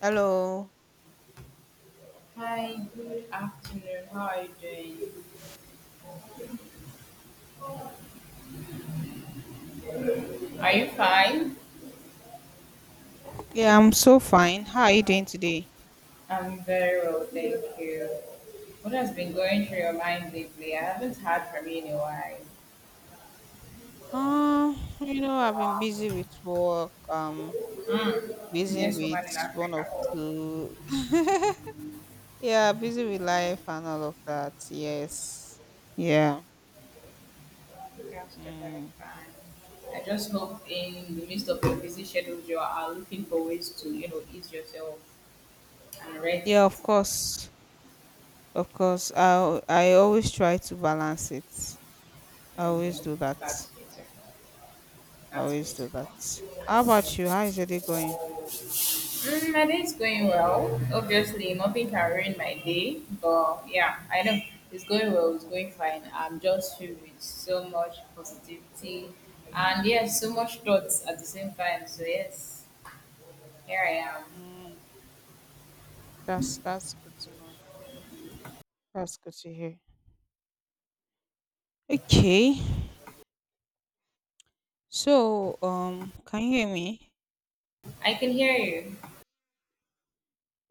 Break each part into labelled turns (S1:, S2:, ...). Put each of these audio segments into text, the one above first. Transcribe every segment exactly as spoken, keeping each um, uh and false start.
S1: Hello.
S2: Hi, good afternoon. How are you doing? Are you fine?
S1: Yeah, I'm so fine. How are you doing today?
S2: I'm very well, thank you. What has been going through your mind lately? I haven't heard from you in a while.
S1: Um, you know, I've been busy with work. Um,
S2: Mm,
S1: busy
S2: busiest woman in
S1: with one
S2: Africa.
S1: of two. Yeah, busy with life and all of that. Yes. Yeah.
S2: That's very
S1: Mm.
S2: fine. I just hope in the midst of your busy schedules, you are looking for ways to, you know, ease yourself and
S1: Yeah,
S2: rest.
S1: of course. Of course. I I always try to balance it. I
S2: And
S1: always do
S2: um, That's
S1: that.
S2: beautiful.
S1: I
S2: That's
S1: always do that.
S2: beautiful.
S1: How about you? How is your day going?
S2: Mm, my day is going well. Obviously, nothing can ruin my day, but yeah, I know it's going well. It's going fine. I'm just filled with so much positivity, and yes, so much thoughts at the same time. So yes, here I am.
S1: Mm, that's that's good to know. That's good to hear. Okay. So, um, can you hear me?
S2: I can hear you.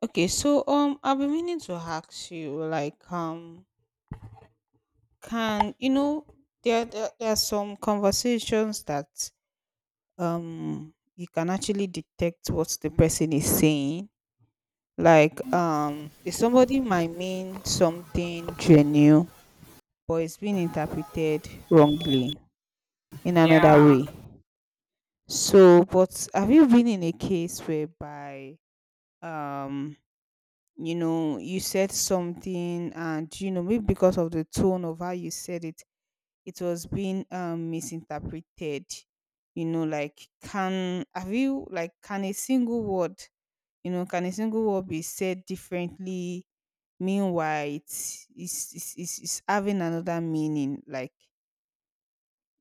S1: Okay, so um, I've been meaning to ask you, like, um, can you know there there, there are some conversations that um you can actually detect what the person is saying. Like, um, if somebody might mean something genuine, but it's been interpreted wrongly in
S2: Yeah.
S1: another way. So, but have you been in a case whereby um you know you said something, and you know maybe because of the tone of how you said it, it was being um misinterpreted, you know like, can, have you, like, can a single word, you know can a single word be said differently, meanwhile it's it's it's, it's, it's having another meaning, like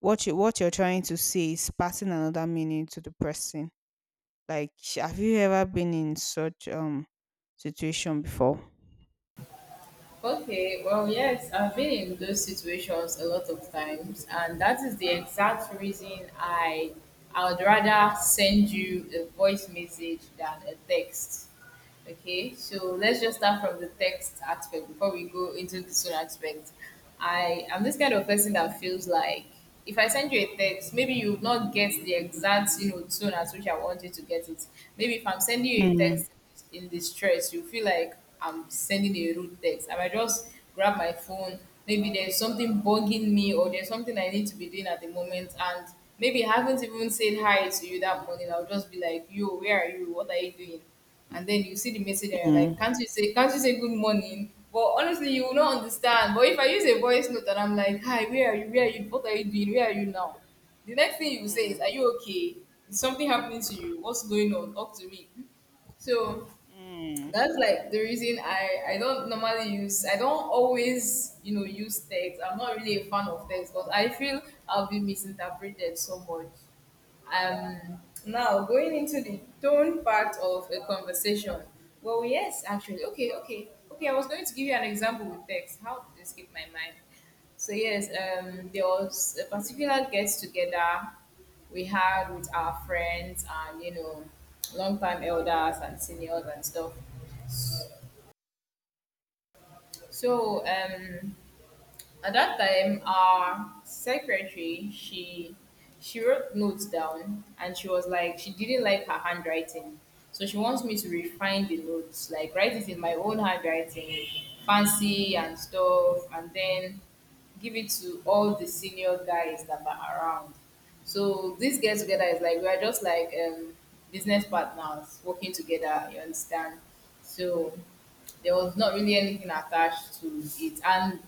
S1: what you what you're trying to say is passing another meaning to the person, like, have you ever been in such um situation before?
S2: Okay. Well, yes, I've been in those situations a lot of times, and that is the exact reason I I would rather send you a voice message than a text. Okay, so let's just start from the text aspect before we go into the tone aspect. I am this kind of person that feels like if I send you a text, maybe you will not get the exact, you know, tone at which I want you to get it. Maybe if I'm sending you a
S1: Mm,
S2: text in distress, you feel like I'm sending a rude text. I might just grab my phone. Maybe there's something bugging me or there's something I need to be doing at the moment, and maybe I haven't even said hi to you that morning. I'll just be like, "Yo, where are you? What are you doing?" And then you see the message and you're like,
S1: mm.
S2: "Can't you say, can't you say good morning?" But honestly, you will not understand. But if I use a voice note and I'm like, "Hi, where are you? Where are you? What are you doing? Where are you now?" The next thing you will say is,
S1: Mm,
S2: "Are you okay? Is something happening to you? What's going on? Talk to me." So
S1: mm.
S2: that's like the reason I I don't normally use. I don't always, you know, use text. I'm not really a fan of text, but I feel I'll be misinterpreted so much. Um, Now going into the tone part of a conversation. Well, yes, actually. Okay, okay, okay. I was going to give you an example with text. How did this escape my mind? So yes, um, there was a particular get together we had with our friends, and, you know, long time elders and seniors and stuff. So um, at that time, our secretary, she she wrote notes down, and she was like she didn't like her handwriting, so she wants me to refine the notes, like write it in my own handwriting, fancy and stuff, and then give it to all the senior guys that were around. So this get together is like we are just like, um, business partners working together. You understand? So there was not really anything attached to it. And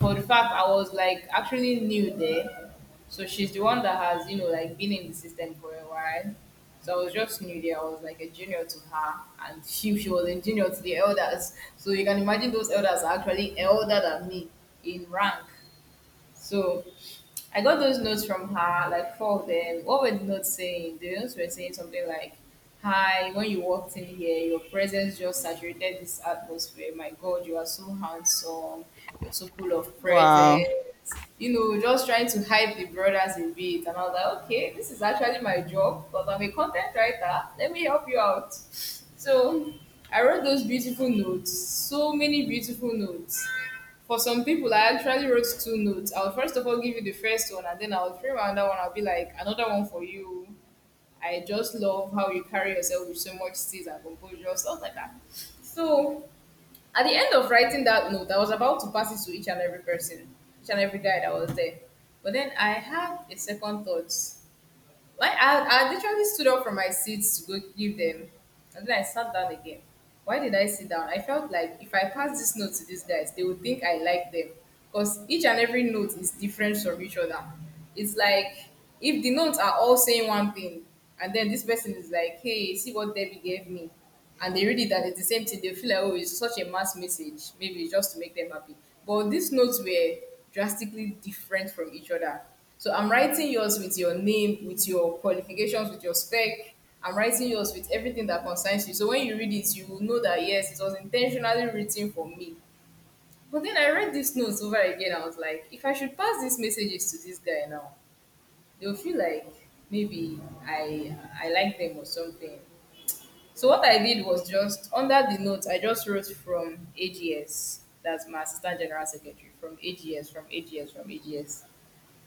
S2: for the fact I was like actually new there, so she's the one that has, you know, like been in the system for a while. So I was just new there. I was like a junior to her, and she she was a junior to the elders. So you can imagine those elders are actually elder than me in rank. So I got those notes from her, like four of them. What were the notes saying? The notes were saying something like, "Hi, when you walked in here, your presence just saturated this atmosphere. My God, you are so handsome. You're so full of
S1: Wow.
S2: presence." You know, just trying to hype the brothers a bit. And I was like, "Okay, this is actually my job because I'm a content writer. Let me help you out." So I wrote those beautiful notes, so many beautiful notes. For some people, I actually wrote two notes. I'll first of all give you the first one, and then I'll frame another one. I'll be like, "Another one for you. I just love how you carry yourself with so much steeze and composure," stuff like that. So, at the end of writing that note, I was about to pass it to each and every person, each and every guy that was there. But then I had a second thought. Why I, I literally stood up from my seat to go give them, and then I sat down again. Why did I sit down? I felt like if I pass this note to these guys, they would think I like them, because each and every note is different from each other. It's like if the notes are all saying one thing, and then this person is like, "Hey, see what Debbie gave me," and they read it and it's the same thing, they feel like, "Oh, it's such a mass message. Maybe it's just to make them happy." But these notes were drastically different from each other, so I'm writing yours with your name, with your qualifications, with your spec. I'm writing yours with everything that concerns you. So when you read it, you will know that yes, it was intentionally written for me. But then I read this notes over again. I was like, if I should pass these messages to this guy now, they'll feel like maybe I I like them or something. So what I did was just under the notes, I just wrote from A G S. That's my assistant general secretary, from A G S, from A G S, from A G S.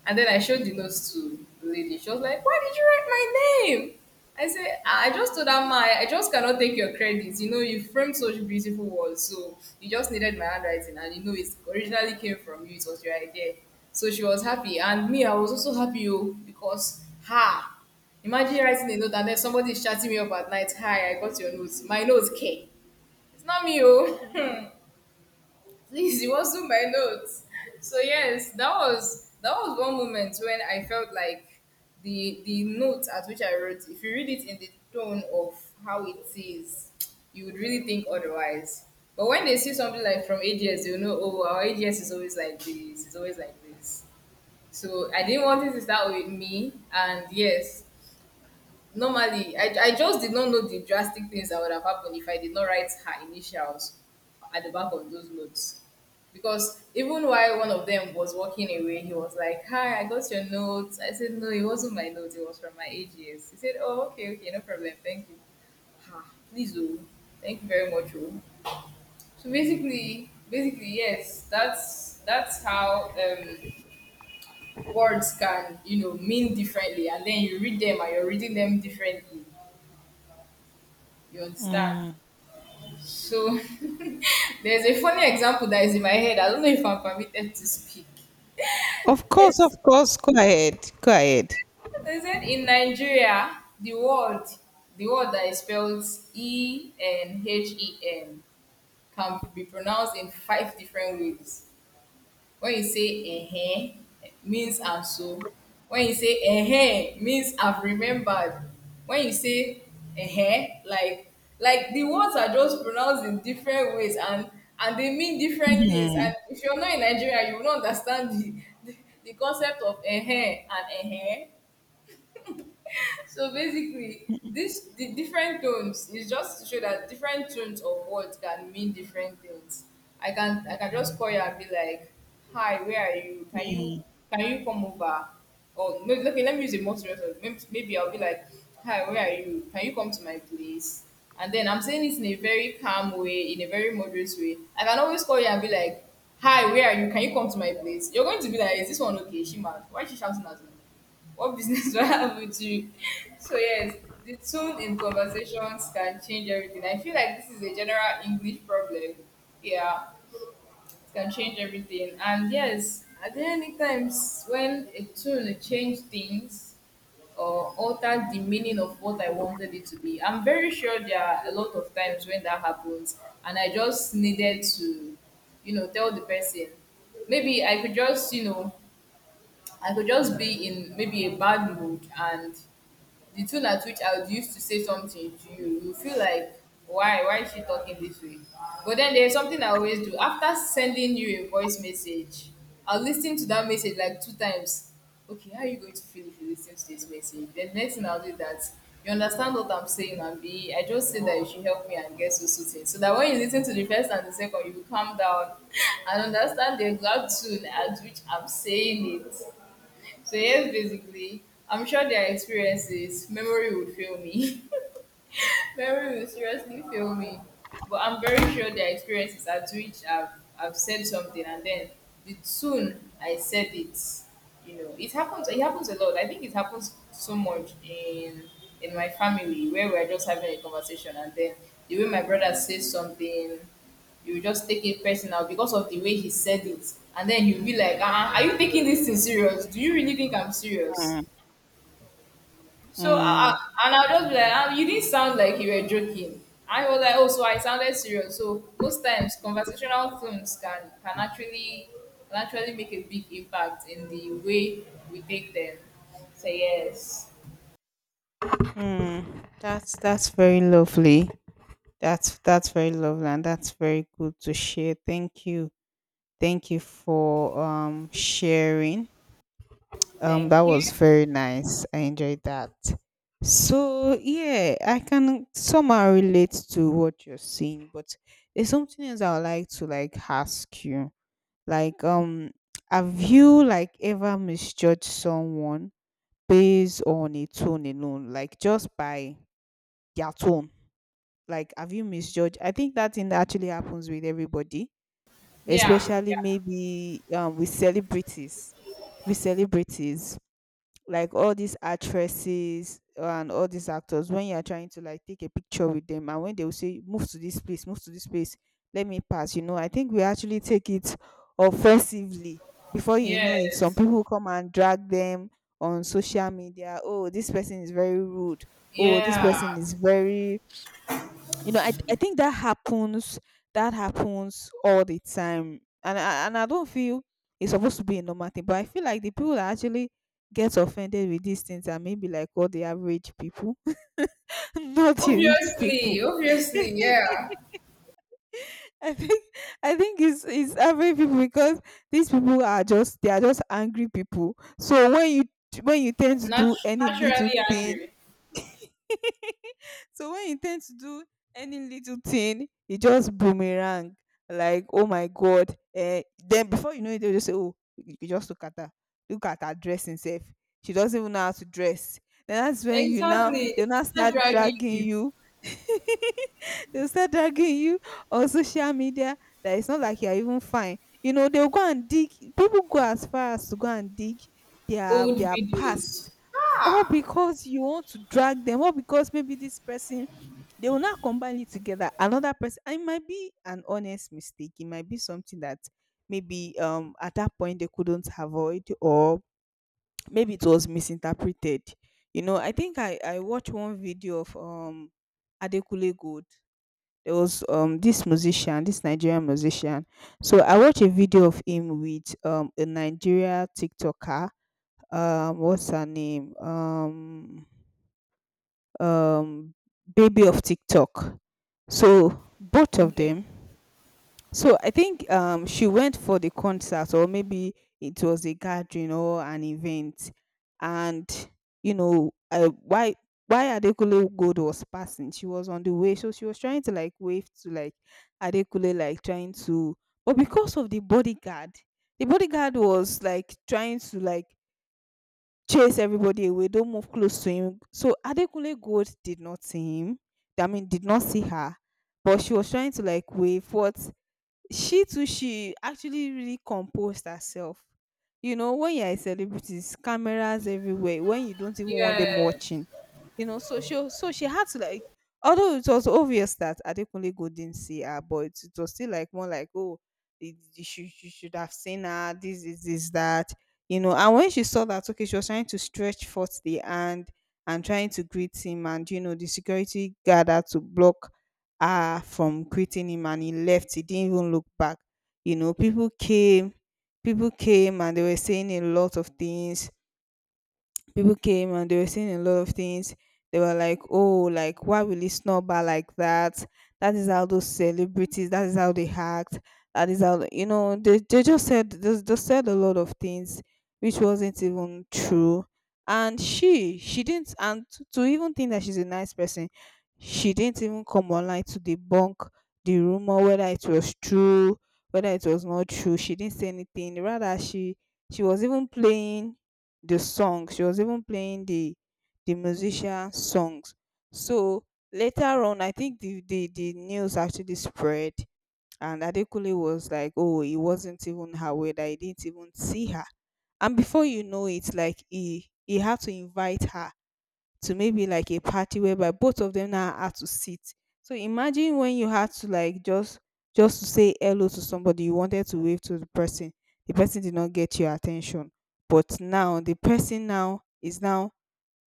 S2: And then I showed the notes to the lady. She was like, "Why did you write my name?" I said, I just told her my, I just cannot take your credit. You know, you framed such beautiful words, so you just needed my handwriting, and you know it originally came from you, it was your idea. So she was happy, and me, I was also happy oh, because ha, imagine writing a note and then somebody is chatting me up at night, "Hi, I got your notes. My notes K." It's not me oh. Please, you also my notes. So yes, that was that was one moment when I felt like the the note at which I wrote, if you read it in the tone of how it is, you would really think otherwise. But when they see something like from A G S, you know, oh, our A G S is always like this, it's always like this. So I didn't want it to start with me, and yes, normally, I, I just did not know the drastic things that would have happened if I did not write her initials at the back of those notes. Because even while one of them was walking away, he was like, "Hi, I got your notes." I said, "No, it wasn't my notes, it was from my A G S" He said, "Oh, okay, okay, no problem, thank you." Ah, please, oh, thank you very much, oh. So basically, basically, yes, that's that's how um, words can, you know, mean differently, and then you read them and you're reading them differently. You understand?
S1: Mm.
S2: So there's a funny example that is in my head. I don't know if I'm permitted to speak.
S1: Of course, of
S2: It's,
S1: course. Go ahead. Go ahead.
S2: they said in Nigeria, the word, the word that is spelled E N H E N, can be pronounced in five different ways. When you say eh, means I'm so. When you say eh, means I've remembered. When you say eh, like like the words are just pronounced in different ways, and and they mean different things.
S1: Mm,
S2: And if you're not in Nigeria, you will not understand the the, the concept of eh and eh. So basically, this the different tones is just to show that different tones of words can mean different things. I can I can just call you and be like, "Hi, where are you? Can you
S1: mm,
S2: can you come over?" Or maybe okay, let me use a more serious one. Maybe, maybe I'll be like, "Hi, where are you? Can you come to my place?" And then I'm saying this in a very calm way, in a very moderate way. I can always call you and be like, "Hi, where are you? Can you come to my place?" You're going to be like, "Is this one okay? Is she mad? Why is she shouting at me? What business do I have with you?" So yes, the tone in conversations can change everything. I feel like this is a general English problem. Yeah, it can change everything. And yes, at any times when a tune change things or alter the meaning of what I wanted it to be, I'm very sure there are a lot of times when that happens, and I just needed to, you know, tell the person. Maybe I could just, you know, I could just be in maybe a bad mood, and the tone at which I would use to say something to you, you feel like, why, why is she talking this way? But then there's something I always do. After sending you a voice message, I'll listen to that message like two times. Okay, how are you going to feel if you listen to this message? Then next thing I'll do is that you understand what I'm saying, and be I just say that you should help me and get so so things. So that when you listen to the first and the second, you will calm down and understand the exact tune at which I'm saying it. So yes, basically, I'm sure their experiences, memory would fail me. Mary will seriously fail me. But I'm very sure their experiences at which I've, I've said something, and then the soon I said it, you know, it happens. It happens a lot. I think it happens so much in in my family where we're just having a conversation, and then the way my brother says something, you just take it personal because of the way he said it, and then you'll be like, uh, are you taking this thing serious? Do you really think I'm serious? So I,
S1: mm,
S2: I, and I will just be like, ah, you didn't sound like you were joking. I was like, oh, so I sounded serious. So most times, conversational films can can actually can actually make a big impact in the way we take them. So yes,
S1: mm. That's that's very lovely. That's that's very lovely, and that's very good to share. Thank you. Thank you for um sharing. Um
S2: thank
S1: that
S2: you.
S1: was very nice. I enjoyed that. So yeah, I can somehow relate to what you're saying, but there's something else I would like to like ask you. Like, um, have you, like, ever misjudged someone based on a tone alone, like, just by their tone? Like, have you misjudged? I think that thing actually happens with everybody,
S2: Yeah,
S1: especially maybe um with celebrities. With celebrities, like all these actresses and all these actors, when you are trying to like take a picture with them, and when they will say, move to this place, move to this place, let me pass, you know I think we actually take it offensively. Before you
S2: yeah,
S1: know it, some
S2: yes,
S1: people come and drag them on social media. Oh, this person is very rude. Oh, this person
S2: yeah.
S1: is very you know, I I think that happens that happens all the time, and I, and I don't feel it's supposed to be a normal thing, but I feel like the people that actually get offended with these things are maybe like all the average people, not the rich people.
S2: Obviously, obviously, yeah.
S1: I think I think it's it's average people, because these people are just, they are just angry people. So when you when you tend to do
S2: Nat-
S1: any
S2: naturally
S1: little thing.
S2: angry.
S1: So when you tend to do any little thing, it just boomerang. Like, oh my God. Eh, then before you know it, they'll just say, oh, you you just look at her. Look at her dressing self. She doesn't even know how to dress. Then that's when you now
S2: Exactly.
S1: they'll now
S2: They're
S1: start
S2: driving
S1: dragging
S2: you
S1: you. They'll start dragging you on social media, that it's not like you're even fine. You know, they'll go and dig, people go as far as to go and dig their
S2: old
S1: their past,
S2: videos.
S1: all
S2: Ah,
S1: because you want to drag them, or because maybe this person, they will not combine it together, another person, and it might be an honest mistake, it might be something that maybe um at that point they couldn't avoid, or maybe it was misinterpreted. you know I think i i watched one video of um Adekule Gold. There was um this musician, this Nigerian musician. So I watched a video of him with um a Nigeria TikToker, um what's her name, um um, baby of TikTok. So both of
S2: okay.
S1: them. So I think um, she went for the concert, or maybe it was a gathering or an event, and you know uh, why why Adekule Gold was passing. She was on the way, so she was trying to like wave to, like, Adekule, like, trying to, but because of the bodyguard, the bodyguard, was like trying to like chase everybody away, don't move close to him. So Adekunle Gold did not see him. I mean, did not see her, but she was trying to like wave. What She too, she actually really composed herself. You know, when you're a celebrity, it's cameras everywhere. When you don't even want
S2: Yeah.
S1: them watching, you know so she so she had to like, although it was obvious that Adekunle go didn't see her, but it was still like more like, oh, you should, you should have seen her, this is this, this, that, you know and when she saw that, okay, she was trying to stretch forth the hand, and trying to greet him, and you know the security guard had to block her from greeting him, and he left, he didn't even look back, you know people came people came and they were saying a lot of things. People came, and they were saying a lot of things. They were like, oh, like, why will he snub her like that? That is how those celebrities. That is how they act. That is how, you know. They they just said, they just said a lot of things, which wasn't even true. And she she didn't, and to, to even think that she's a nice person, she didn't even come online to debunk the rumor, whether it was true, whether it was not true. She didn't say anything. Rather, she she was even playing the song. She was even playing the the musician songs. So later on, I think the the, the news actually spread, and Adekule was like, oh, it wasn't even her way that he didn't even see her. And before you know it, like he he had to invite her to maybe like a party, whereby both of them now had to sit. So imagine, when you had to like just just to say hello to somebody, you wanted to wave to the person. The person did not get your attention. But now the person now is now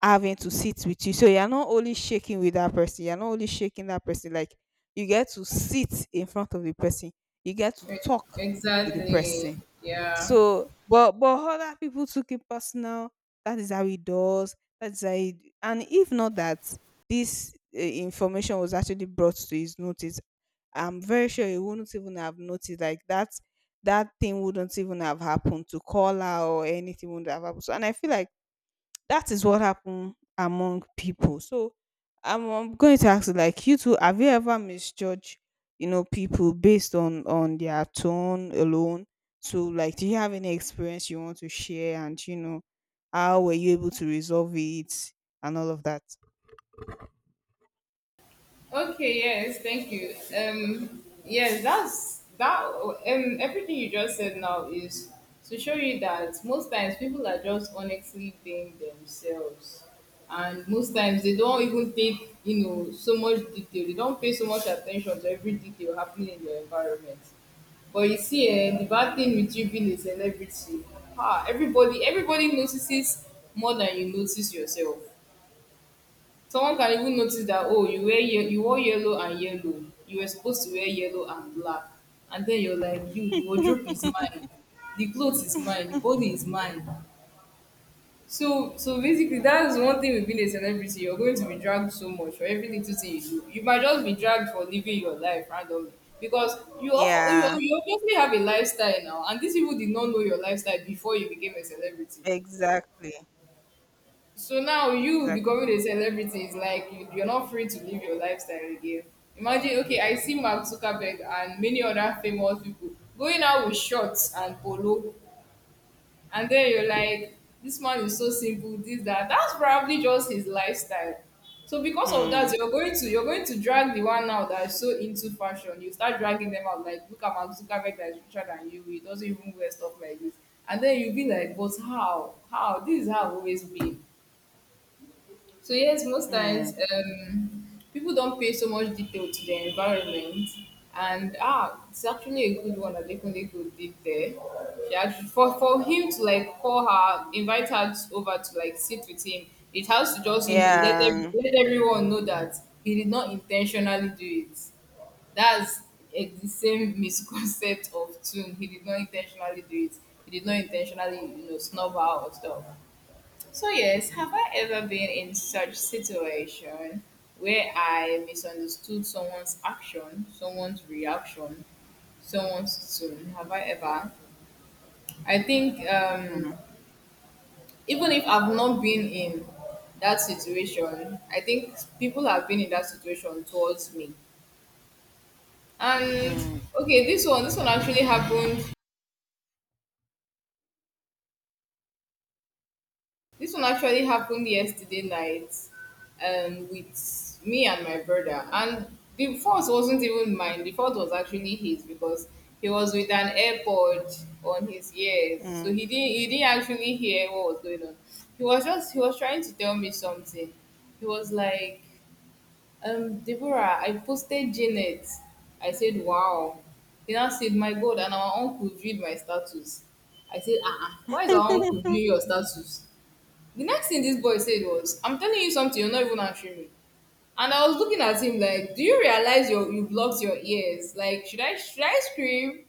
S1: having to sit with you. So you're not only shaking with that person, you're not only shaking that person, like, you get to sit in front of the person, you get to
S2: E-
S1: talk with the
S2: Exactly.
S1: person.
S2: Yeah.
S1: So, but but other people took it personal. That is how it does. That's how it. And if not that this uh, information was actually brought to his notice, I'm very sure he wouldn't even have noticed. Like that, that thing wouldn't even have happened, to call her, or anything would not have happened. So, and I feel like that is what happen among people. So I'm, um going to ask you, like, you too, have you ever misjudged, you know, people based on on their tone alone? So, like, do you have any experience you want to share? And you know, how were you able to resolve it, and all of that?
S2: Okay. Yes. Thank you. Um. Yes. That's that. Um. Everything you just said now is to show you that most times people are just honestly being themselves, and most times they don't even take, you know, so much detail. They don't pay so much attention to every detail happening in their environment. But you see, eh, the bad thing with you being a celebrity, ah, everybody, everybody notices more than you notice yourself. Someone can even notice that oh you wear ye- you wore yellow and yellow. You were supposed to wear yellow and black. And then you're like, you, the wardrobe is mine, the clothes is mine, the body is mine. So so basically that's one thing with being a celebrity, you're going to be dragged so much for every little thing you do. You might just be dragged for living your life randomly. Because you offer, you,
S1: Yeah,
S2: you obviously have a lifestyle now, and these people did not know your lifestyle before you became a celebrity.
S1: exactly.
S2: So now you becoming
S1: Exactly.
S2: a celebrity is like you, you're not free to live your lifestyle again. Imagine, okay, I see Mark Zuckerberg and many other famous people going out with shorts and polo, and then you're like, this man is so simple, this that. That's probably just his lifestyle. So because of that,
S1: Mm,
S2: you're going to you're going to drag the one now that is so into fashion. You start dragging them out like, look at Mark Zuckerberg that is richer than you. He doesn't even wear stuff like this, and then you'll be like, but how? How? This is how I've always been. So yes, most times
S1: mm,
S2: um, people don't pay so much detail to their environment, and ah, it's actually a good one that Adekunle did there. She actually, for for him to like call her, invite her to- over to like sit with him, it has to just you know let them
S1: yeah.
S2: let everyone know that he did not intentionally do it. That's eh, the same misconcept of tune. He did not intentionally do it. He did not intentionally you know snub her or stuff. So yes, have I ever been in such situation where I misunderstood someone's action, someone's reaction, someone's tone? Have I ever? I think um,
S1: Mm,
S2: even if I've not been in that situation, I think people have been in that situation towards me. And
S1: mm,
S2: okay, this one, this one actually happened This one actually happened yesterday night, um, with me and my brother. And the fault wasn't even mine. The fault was actually his because he was with an AirPod on his ears, so
S1: mm,
S2: he didn't he didn't actually hear what was going on. He was just he was trying to tell me something. He was like, um, Deborah, I posted Janet. I said, wow. He now said, my God, and our uncle viewed my status. I said, "Ah, uh-uh, why is our uncle viewing your status? The next thing this boy said was, I'm telling you something, you're not even answering me. And I was looking at him like, do you realize you you blocked your ears? Like, should I should I scream?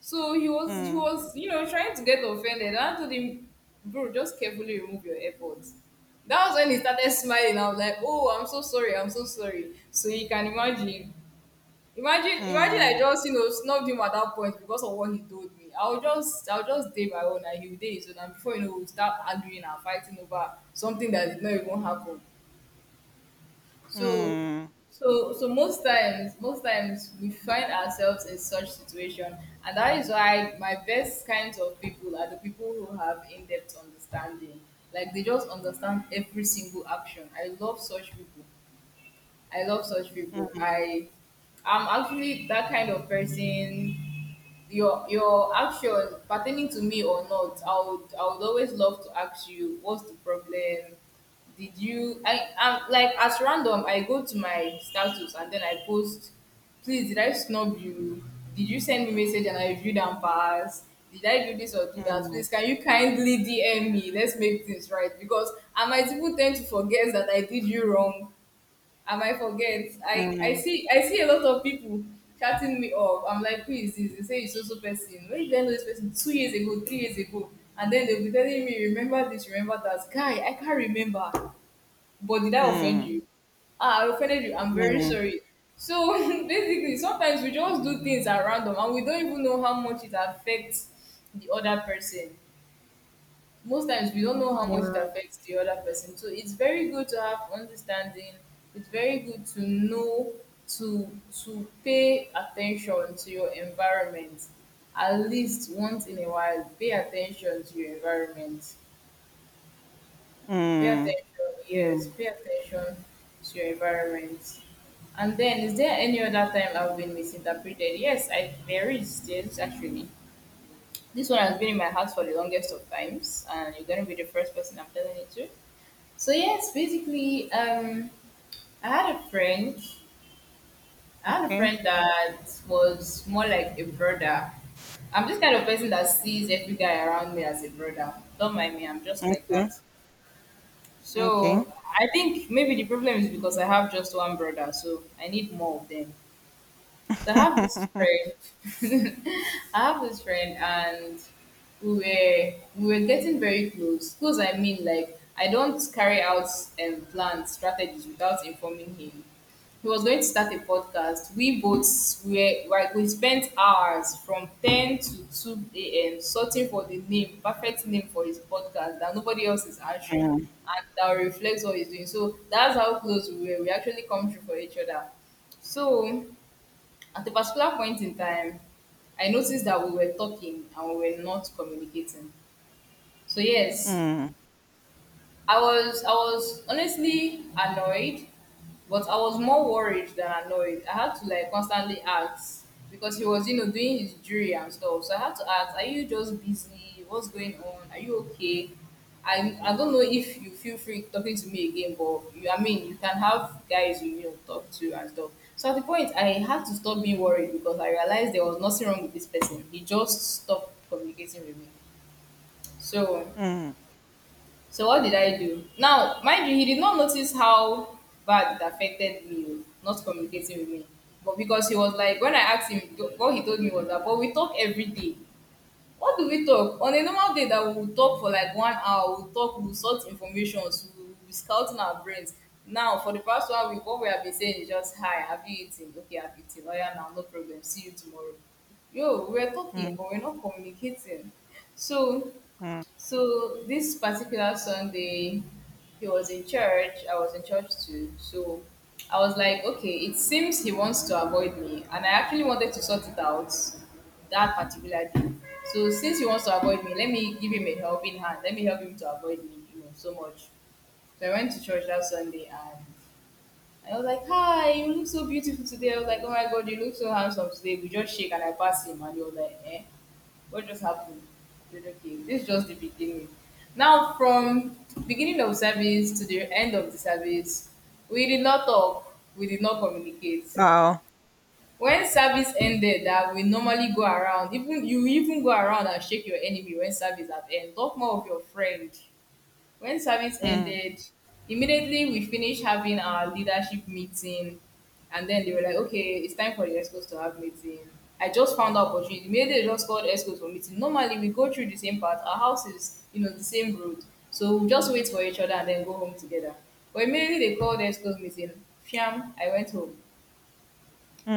S2: So he was he
S1: mm,
S2: was, you know, trying to get offended. And I told him, bro, just carefully remove your AirPods. That was when he started smiling. I was like, oh, I'm so sorry, I'm so sorry. So you can imagine. Imagine, imagine I
S1: mm.
S2: just you know snubbed him at that point because of what he told me. I'll just, I'll just day my own, and he'll day his own, and before you know, we'll start arguing and fighting over something that did not even happen. So,
S1: Mm.
S2: so, so most times, most times we find ourselves in such situation, and that is why my best kinds of people are the people who have in-depth understanding. Like they just understand every single action. I love such people. I love such people.
S1: Mm,
S2: I I'm actually that kind of person. Your your action pertaining to me or not, I would I would always love to ask you what's the problem. Did you I I'm like at random I go to my status, and then I post, please did I snub you? Did you send me message and I viewed and passed? Did I do this or do that? Please can you kindly D M me? Let's make things right because I might even tend to forget that I did you wrong. I might forget. I, I
S1: mm,
S2: see I see a lot of people chatting me up. I'm like, who is this? They say it's also person. Where did I know this person? Two years ago, three years ago. And then they'll be telling me, remember this, remember that. Guy, I can't remember. But did I offend
S1: mm,
S2: you? Ah, I offended you. I'm very
S1: mm,
S2: sorry. So basically, sometimes we just do things at random, and we don't even know how much it affects the other person, most times we don't know how much it
S1: yeah.
S2: affects the other person. So it's very good to have understanding. It's very good to know to to pay attention to your environment. At least once in a while, pay attention to your environment. Pay
S1: Mm,
S2: attention, yes,
S1: mm.
S2: pay attention to your environment. And then, is there any other time I've been misinterpreted? Yes, I there is. Yes, actually, this one has been in my heart for the longest of times, and you're gonna be the first person I'm telling it to. So yes, basically, um, I had a friend. I had a
S1: Okay,
S2: friend that was more like a brother. I'm this kind of person that sees every guy around me as a brother. Don't mind me. I'm just like
S1: okay,
S2: that.
S1: okay.
S2: So I think maybe the problem is because I have just one brother, so I need more of them. So I have this friend. I have this friend, and we were we were getting very close, close. I mean, like, I don't carry out um, planned strategies without informing him. He was going to start a podcast. We both were like, we spent hours from ten to two a.m sorting for the name, perfect name for his podcast that nobody else is answering,
S1: Mm,
S2: and that reflects what he's doing. So that's how close we were. We actually come through for each other. So at a particular point in time, I noticed that we were talking and we were not communicating. So, yes,
S1: mm,
S2: I was I was honestly annoyed, but I was more worried than annoyed. I had to like constantly ask because he was, you know, doing his jury and stuff. So I had to ask, are you just busy? What's going on? Are you okay? I I don't know if you feel free talking to me again, but you I mean you can have guys you, you know talk to and stuff. So at the point I had to stop being worried because I realized there was nothing wrong with this person. He just stopped communicating with me. So
S1: mm,
S2: so what did I do? Now, mind you, he did not notice how bad it affected me, not communicating with me. But because he was like, when I asked him, th- what he told me was that, but we talk every day. What do we talk? On a normal day that we will talk for like one hour, we'll talk, we'll sort information, so we'll be scouting our brains. Now, for the past one week, what we have been saying is just, hi, have you eaten? Okay, I've eaten. Oh yeah, now, no problem. See you tomorrow. Yo, we were talking,
S1: mm,
S2: but we're not communicating. So
S1: mm.
S2: so this particular Sunday, he was in church. I was in church too. So I was like, okay, it seems he wants to avoid me, and I actually wanted to sort it out that particular day. So since he wants to avoid me, let me give him a helping hand. Let me help him to avoid me, you know, so much. So I went to church that Sunday and I was like, hi, you look so beautiful today. I was like, oh my god, you look so handsome today. We just shake and I pass him and he was like, eh, what just happened? I said, okay, this is just the beginning. Now from beginning of service to the end of the service, we did not talk, we did not communicate.
S1: Wow.
S2: When service ended that we normally go around, even you even go around and shake your enemy when service at end. Talk more of your friend. When service
S1: Mm,
S2: ended, immediately we finished having our leadership meeting, and then they were like, "Okay, it's time for the ESCOs to have meeting." I just found the opportunity. Immediately, they just called ESCOs for meeting. Normally, we go through the same path. Our house is, you know, the same road, so we just wait for each other and then go home together. But immediately they called ESCOs meeting. Fiam, I went home.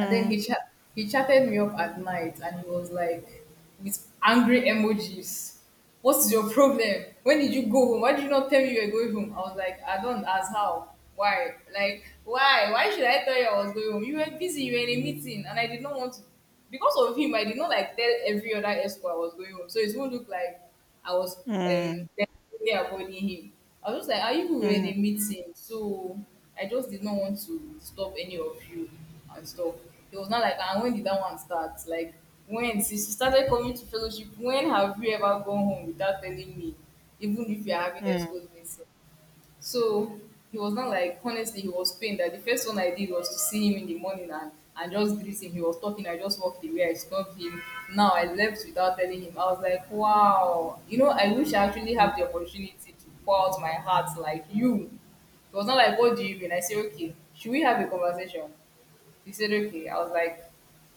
S2: And then he chat he chatted me up at night and he was like with angry emojis. What's your problem? When did you go home? Why did you not tell me you were going home? I was like, I don't ask how. Why? Like, why? Why should I tell you I was going home? You were busy, you were in a meeting, and I did not want to because of him, I did not like tell every other escort I was going home. So it won't look like I was um
S1: mm,
S2: deliberately avoiding him. I was just like, "Are you we were in
S1: mm,
S2: a meeting?" So I just did not want to stop any of you and stuff. It was not like, "And when did that one start?" Like when since you started coming to fellowship, when have you ever gone home without telling me? Even if you're having
S1: mm,
S2: escort meeting. So he was not like, honestly, he was pained that the first one I did was to see him in the morning and, and just greet him. He was talking, I just walked away, I stopped him. Now I left without telling him. I was like, wow, you know, I wish I actually
S1: mm,
S2: have the opportunity to pour out my heart like you. It was not like, what do you mean? I said, okay, should we have a conversation? He said, okay. I was like,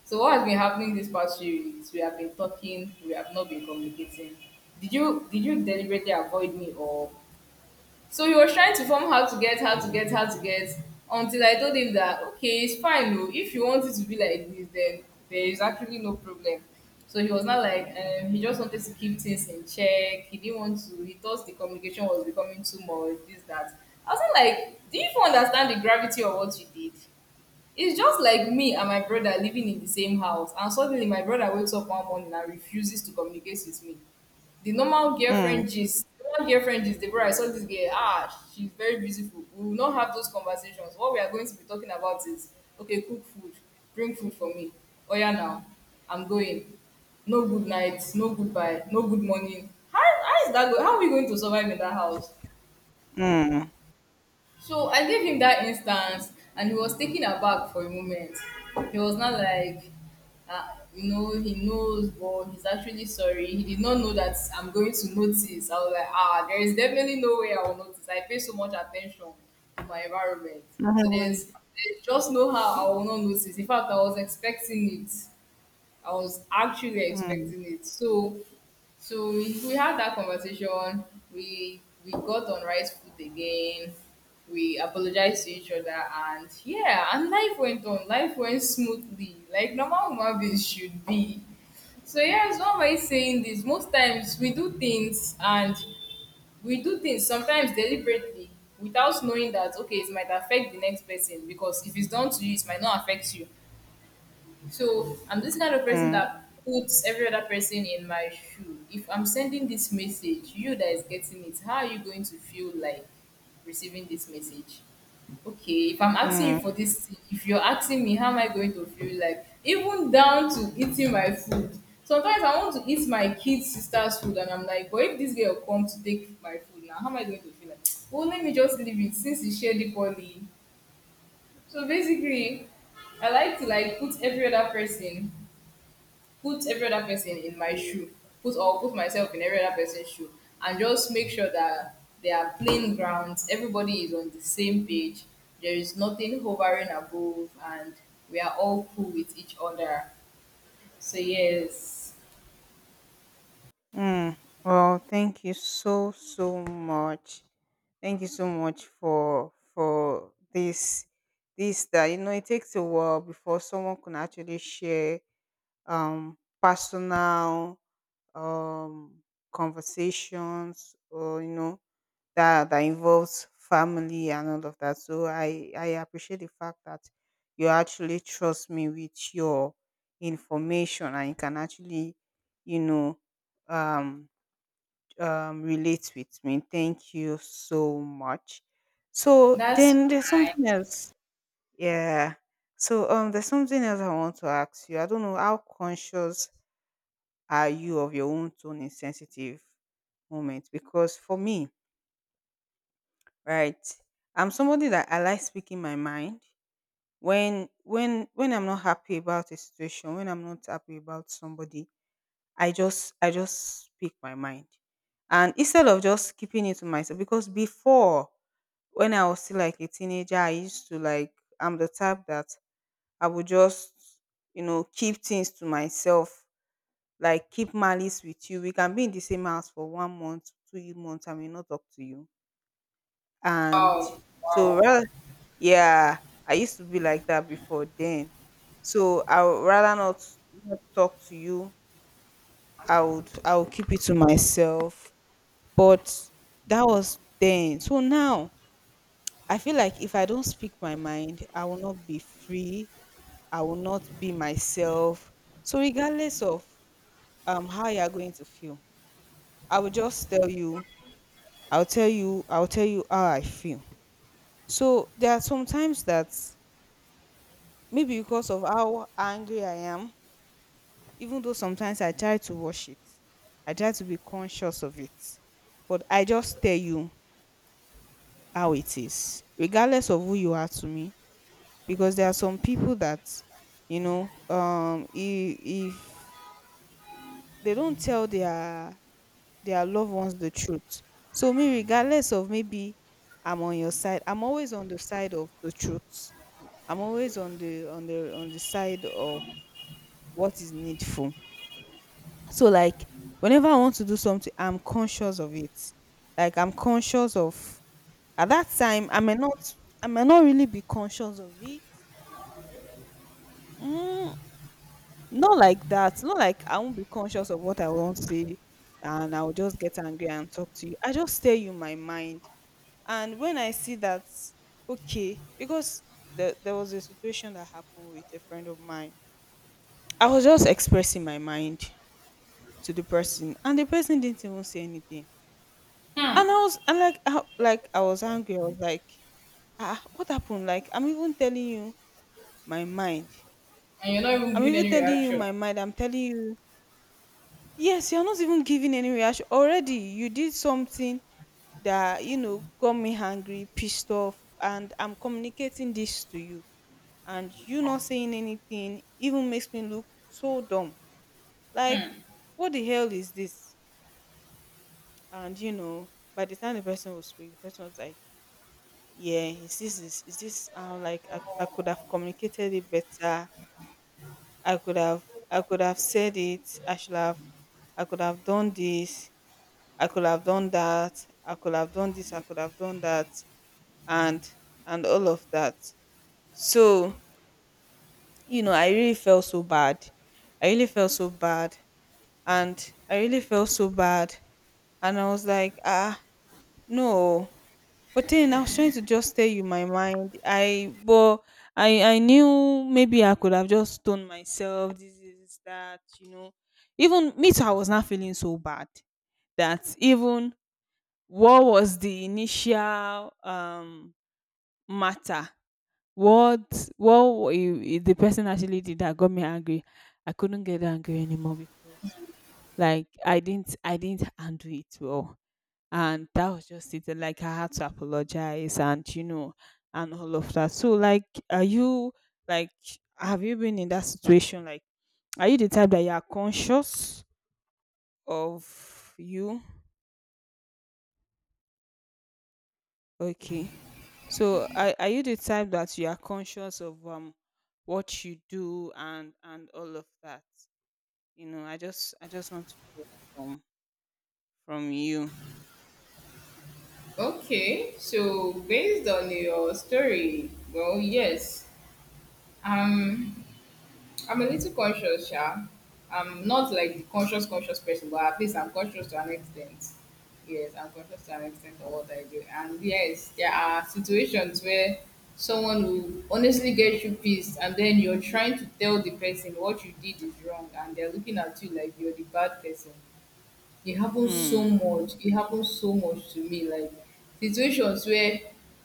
S2: so what has been happening these past few weeks? We have been talking, we have not been communicating. Did you did you deliberately avoid me, or so he was trying to form how to get, how to get, how to get, until I told him that okay, it's fine, no. If you want it to be like this, then there is actually no problem. So he was not like um, he just wanted to keep things in check. He didn't want to. He thought the communication was becoming too much. This that. I was not like, do you even understand the gravity of what you did? It's just like me and my brother living in the same house, and suddenly my brother wakes up one morning and refuses to communicate with me. The normal
S1: mm,
S2: girlfriend gist, the normal girlfriend gist, the brother, I saw this girl, ah, she's very beautiful. We will not have those conversations. What we are going to be talking about is, okay, cook food, bring food for me. Oh yeah, now, I'm going. No good night, no goodbye, no good morning. How, how is that going? How are we going to survive in that house?
S1: mm,
S2: So I gave him that instance, and he was taken aback for a moment. He was not like, uh, you know, he knows, but he's actually sorry. He did not know that I'm going to notice. I was like, ah, there is definitely no way I will notice. I pay so much attention to my environment. So
S1: mm,
S2: there's, there's just no how I will not notice. In fact, I was expecting it. I was actually expecting it. So so we, we had that conversation. We we got on right foot again. We apologized to each other and yeah, and life went on. Life went smoothly, like normal human beings should be. So yes, why am I saying this? Most times we do things and we do things sometimes deliberately without knowing that okay, it might affect the next person because if it's done to you, it might not affect you. So I'm this kind of person
S1: mm,
S2: that puts every other person in my shoe. If I'm sending this message, you that is getting it, how are you going to feel like receiving this message? Okay, if I'm asking you for this, thing, if you're asking me, how am I going to feel like? Even down to eating my food. Sometimes I want to eat my kid's sister's food, and I'm like, but if this girl comes to take my food now, how am I going to feel like? Well, let me just leave it since he shared it poorly. So basically, I like to like put every other person put every other person in my
S1: mm,
S2: shoe, put or put myself in every other person's shoe, and just make sure that there are plain grounds. Everybody is on the same page. There is nothing hovering above, and we are all cool with each other. So yes,
S1: mm. Well, thank you so, so much. Thank you so much for for this this that you know it takes a while before someone can actually share um, personal um, conversations, or you know that that involves family and all of that. So I I appreciate the fact that you actually trust me with your information, and you can actually you know um, um relate with me. Thank you so much. So
S2: that's
S1: then there's
S2: fine.
S1: something else. Yeah. So um there's something else I want to ask you. I don't know how conscious are you of your own tone in sensitive moments? Because for me, right, I'm somebody that I like speaking my mind, when when when I'm not happy about a situation, when I'm not happy about somebody, I just I just speak my mind. And instead of just keeping it to myself, because before, when I was still like a teenager, I used to like, I'm the type that I would just, you know, keep things to myself, like keep malice with you. We can be in the same house for one month, two months, I may not talk to you. And
S2: Wow,
S1: so
S2: wow.
S1: rather, yeah, I used to be like that before then. So I would rather not not talk to you. I would I would keep it to myself. But that was then. So now I feel like, if I don't speak my mind, I will not be free. I will not be myself. So regardless of um how you are going to feel, I will just tell you I'll tell you, I'll tell you how I feel. So there are sometimes that maybe because of how angry I am, even though sometimes I try to wash it, I try to be conscious of it. But I just tell you how it is, regardless of who you are to me. Because there are some people that, you know, um, if, if they don't tell their their loved ones the truth. So me, regardless of maybe I'm on your side, I'm always on the side of the truth. I'm always on the on the on the side of what is needful. So like whenever I want to do something, I'm conscious of it. Like I'm conscious of, at that time I may not I may not really be conscious of it. Mm, not like that. Not like I won't be conscious of what I want to say and I'll just get angry and talk to you. I just stay you my mind. And when I see that, okay, because the, there was a situation that happened with a friend of mine. I was just expressing my mind to the person, and the person didn't even say anything.
S2: Hmm.
S1: And I was and like I, like I was angry. I was like, ah, what happened? Like, I'm even telling you my mind.
S2: And you're not even
S1: i'm
S2: giving
S1: even
S2: any
S1: telling you
S2: reaction.
S1: my mind I'm telling you. Yes, you're not even giving any reaction. Already you did something that, you know, got me angry, pissed off, and I'm communicating this to you, and you not saying anything even makes me look so dumb. Like, what the hell is this? And you know, by the time the person was speak the person was like, yeah, is this is, is this how? Like I, I could have communicated it better. I could have i could have said it. I should have, I could have done this, I could have done that, I could have done this I could have done that and and all of that. So, you know, I really felt so bad. i really felt so bad and I really felt so bad. And I was like, ah, no. But then I was trying to just tell you my mind. I but I I knew maybe I could have just done myself this is that, you know. Even me too, I was not feeling so bad that, even what was the initial um matter? What what wa- I- I- The person actually did that got me angry. I couldn't get angry anymore because like I didn't I didn't handle it well, and that was just it. And like, I had to apologize, and you know, and all of that. So like, are you, like, have you been in that situation? Like, are you the type that you are conscious of you? Okay, so are, are you the type that you are conscious of um what you do and and all of that? You know, i just I just want to hear from from you.
S2: Okay, so based on your story, well, yes. Um, I'm a little conscious, yeah. I'm not like the conscious, conscious person, but at least I'm conscious to an extent. Yes, I'm conscious to an extent of what I do. And yes, there are situations where someone will honestly get you pissed, and then you're trying to tell the person what you did is wrong, and they're looking at you like you're the bad person. It happens so
S1: Mm,
S2: much. It happens so much to me. Like situations where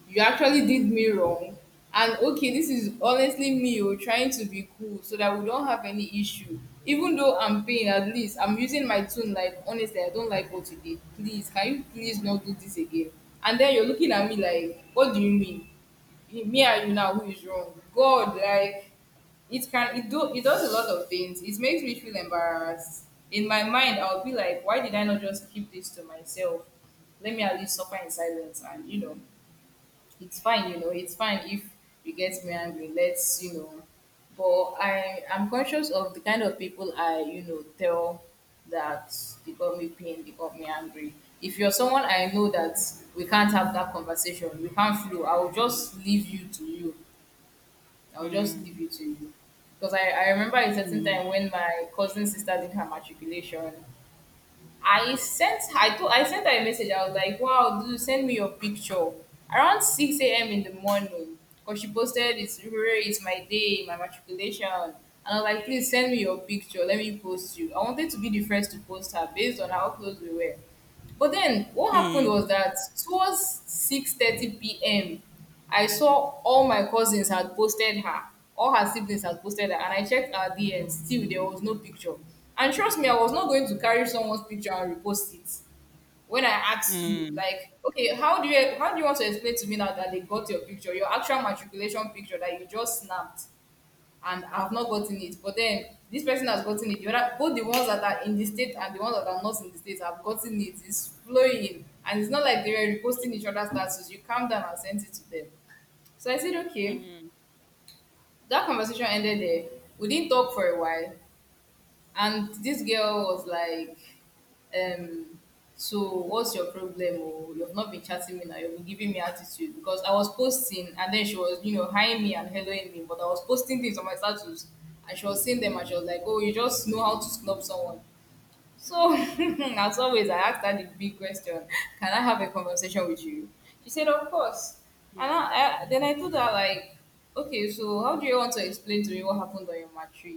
S2: you actually did me wrong. And okay, this is honestly me oh, trying to be cool so that we don't have any issue. Even though I'm paying, at least I'm using my tone like, honestly, I don't like what you did. Please, can you please not do this again? And then you're looking at me like, what do you mean? Me and you now, who is wrong, god? Like it can, it do, it does a lot of things. It makes me feel embarrassed. In my mind I'll be like, why did I not just keep this to myself? Let me at least suffer in silence, and you know, it's fine, you know. It's fine if it gets me angry, let's, you know, but i i'm conscious of the kind of people I, you know, tell that they got me pain, they got me angry. If you're someone I know that we can't have that conversation, we can't flow, I'll just leave you to you. I'll just
S1: mm,
S2: leave it to you. Because I, I remember a certain
S1: mm,
S2: time when my cousin sister did her matriculation. I sent I told I sent her a message. I was like, wow, dude, send me your picture. Around six a m in the morning. Because she posted it's hooray, it's my day, my matriculation. And I was like, please send me your picture. Let me post you. I wanted to be the first to post her based on how close we were. But then what happened
S1: mm,
S2: was that towards six thirty p m, I saw all my cousins had posted her, all her siblings had posted her, and I checked our D Ms. Still, there was no picture. And trust me, I was not going to carry someone's picture and repost it. When I asked you,
S1: mm,
S2: like, okay, how do you how do you want to explain to me now that they got your picture, your actual matriculation picture that you just snapped? And I've not gotten it. But then this person has gotten it. The other, both the ones that are in the state and the ones that are not in the state have gotten it. It's flowing. And it's not like they were reposting each other's statuses. You calm down and sent it to them. So I said, okay.
S1: mm,
S2: That conversation ended there. We didn't talk for a while. And this girl was like, um, so what's your problem? Oh, you've not been chatting me now, you've been giving me attitude because I was posting and then she was, you know, hiring me and helloing me, but I was posting things on my status and she was seeing them and she was like, oh, you just know how to snub someone. So, as always, I asked her the big question. Can I have a conversation with you? She said, of course. And
S1: mm,
S2: I, I, then I told her, like, okay, so how do you want to explain to me what happened on your matric?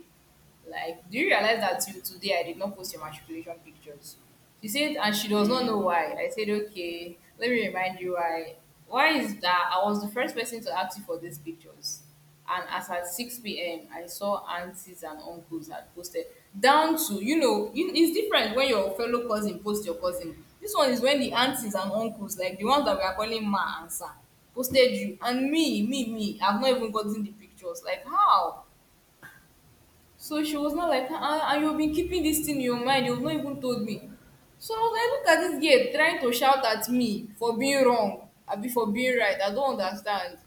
S2: Like, do you realize that till today I did not post your matriculation pictures? She said, and she does not know
S1: mm.
S2: why. I said, okay, let me remind you why. Why is that I was the first person to ask you for these pictures? And as at six p.m. I saw aunties and uncles had posted. Down to, you know, you- it's different when your fellow cousin posts your cousin. This one is when the aunties and uncles, like the ones that we are calling ma and sir, posted you, and me, me, me, I've not even gotten the pictures. Like, how? So she was not like, ah, and you've been keeping this thing in your mind, you've not even told me. So I was like, look at this girl trying to shout at me for being wrong, abi for being right. I don't understand.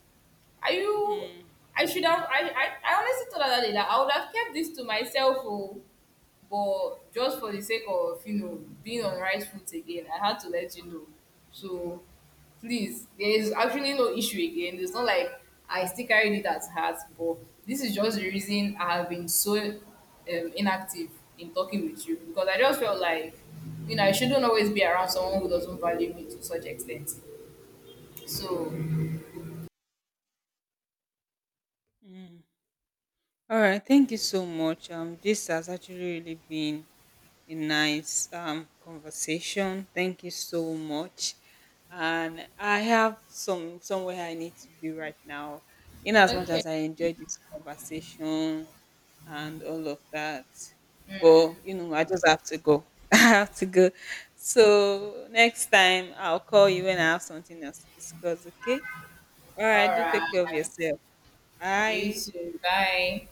S2: Are you?
S1: Mm,
S2: I should have. I I, I honestly thought that day that I would have kept this to myself, oh, but just for the sake of you know being on right foot again, I had to let you know. So please, there is actually no issue again. It's not like I still carried it at heart, but this is just the reason I have been so um, inactive in talking with you, because I just felt like, you know, I shouldn't always be around someone who doesn't value me to such extent. So
S1: mm. All right, thank you so much. Um, this has actually really been a nice um conversation. Thank you so much. And I have some somewhere I need to be right now. In as much
S2: okay.
S1: as I enjoyed this conversation and all of that, but you know, I just have to go. I have to go. So next time I'll call you when I have something else to discuss. Okay. All
S2: All
S1: right. Do take
S2: right,
S1: care of yourself.
S2: you
S1: Bye.
S2: too, bye.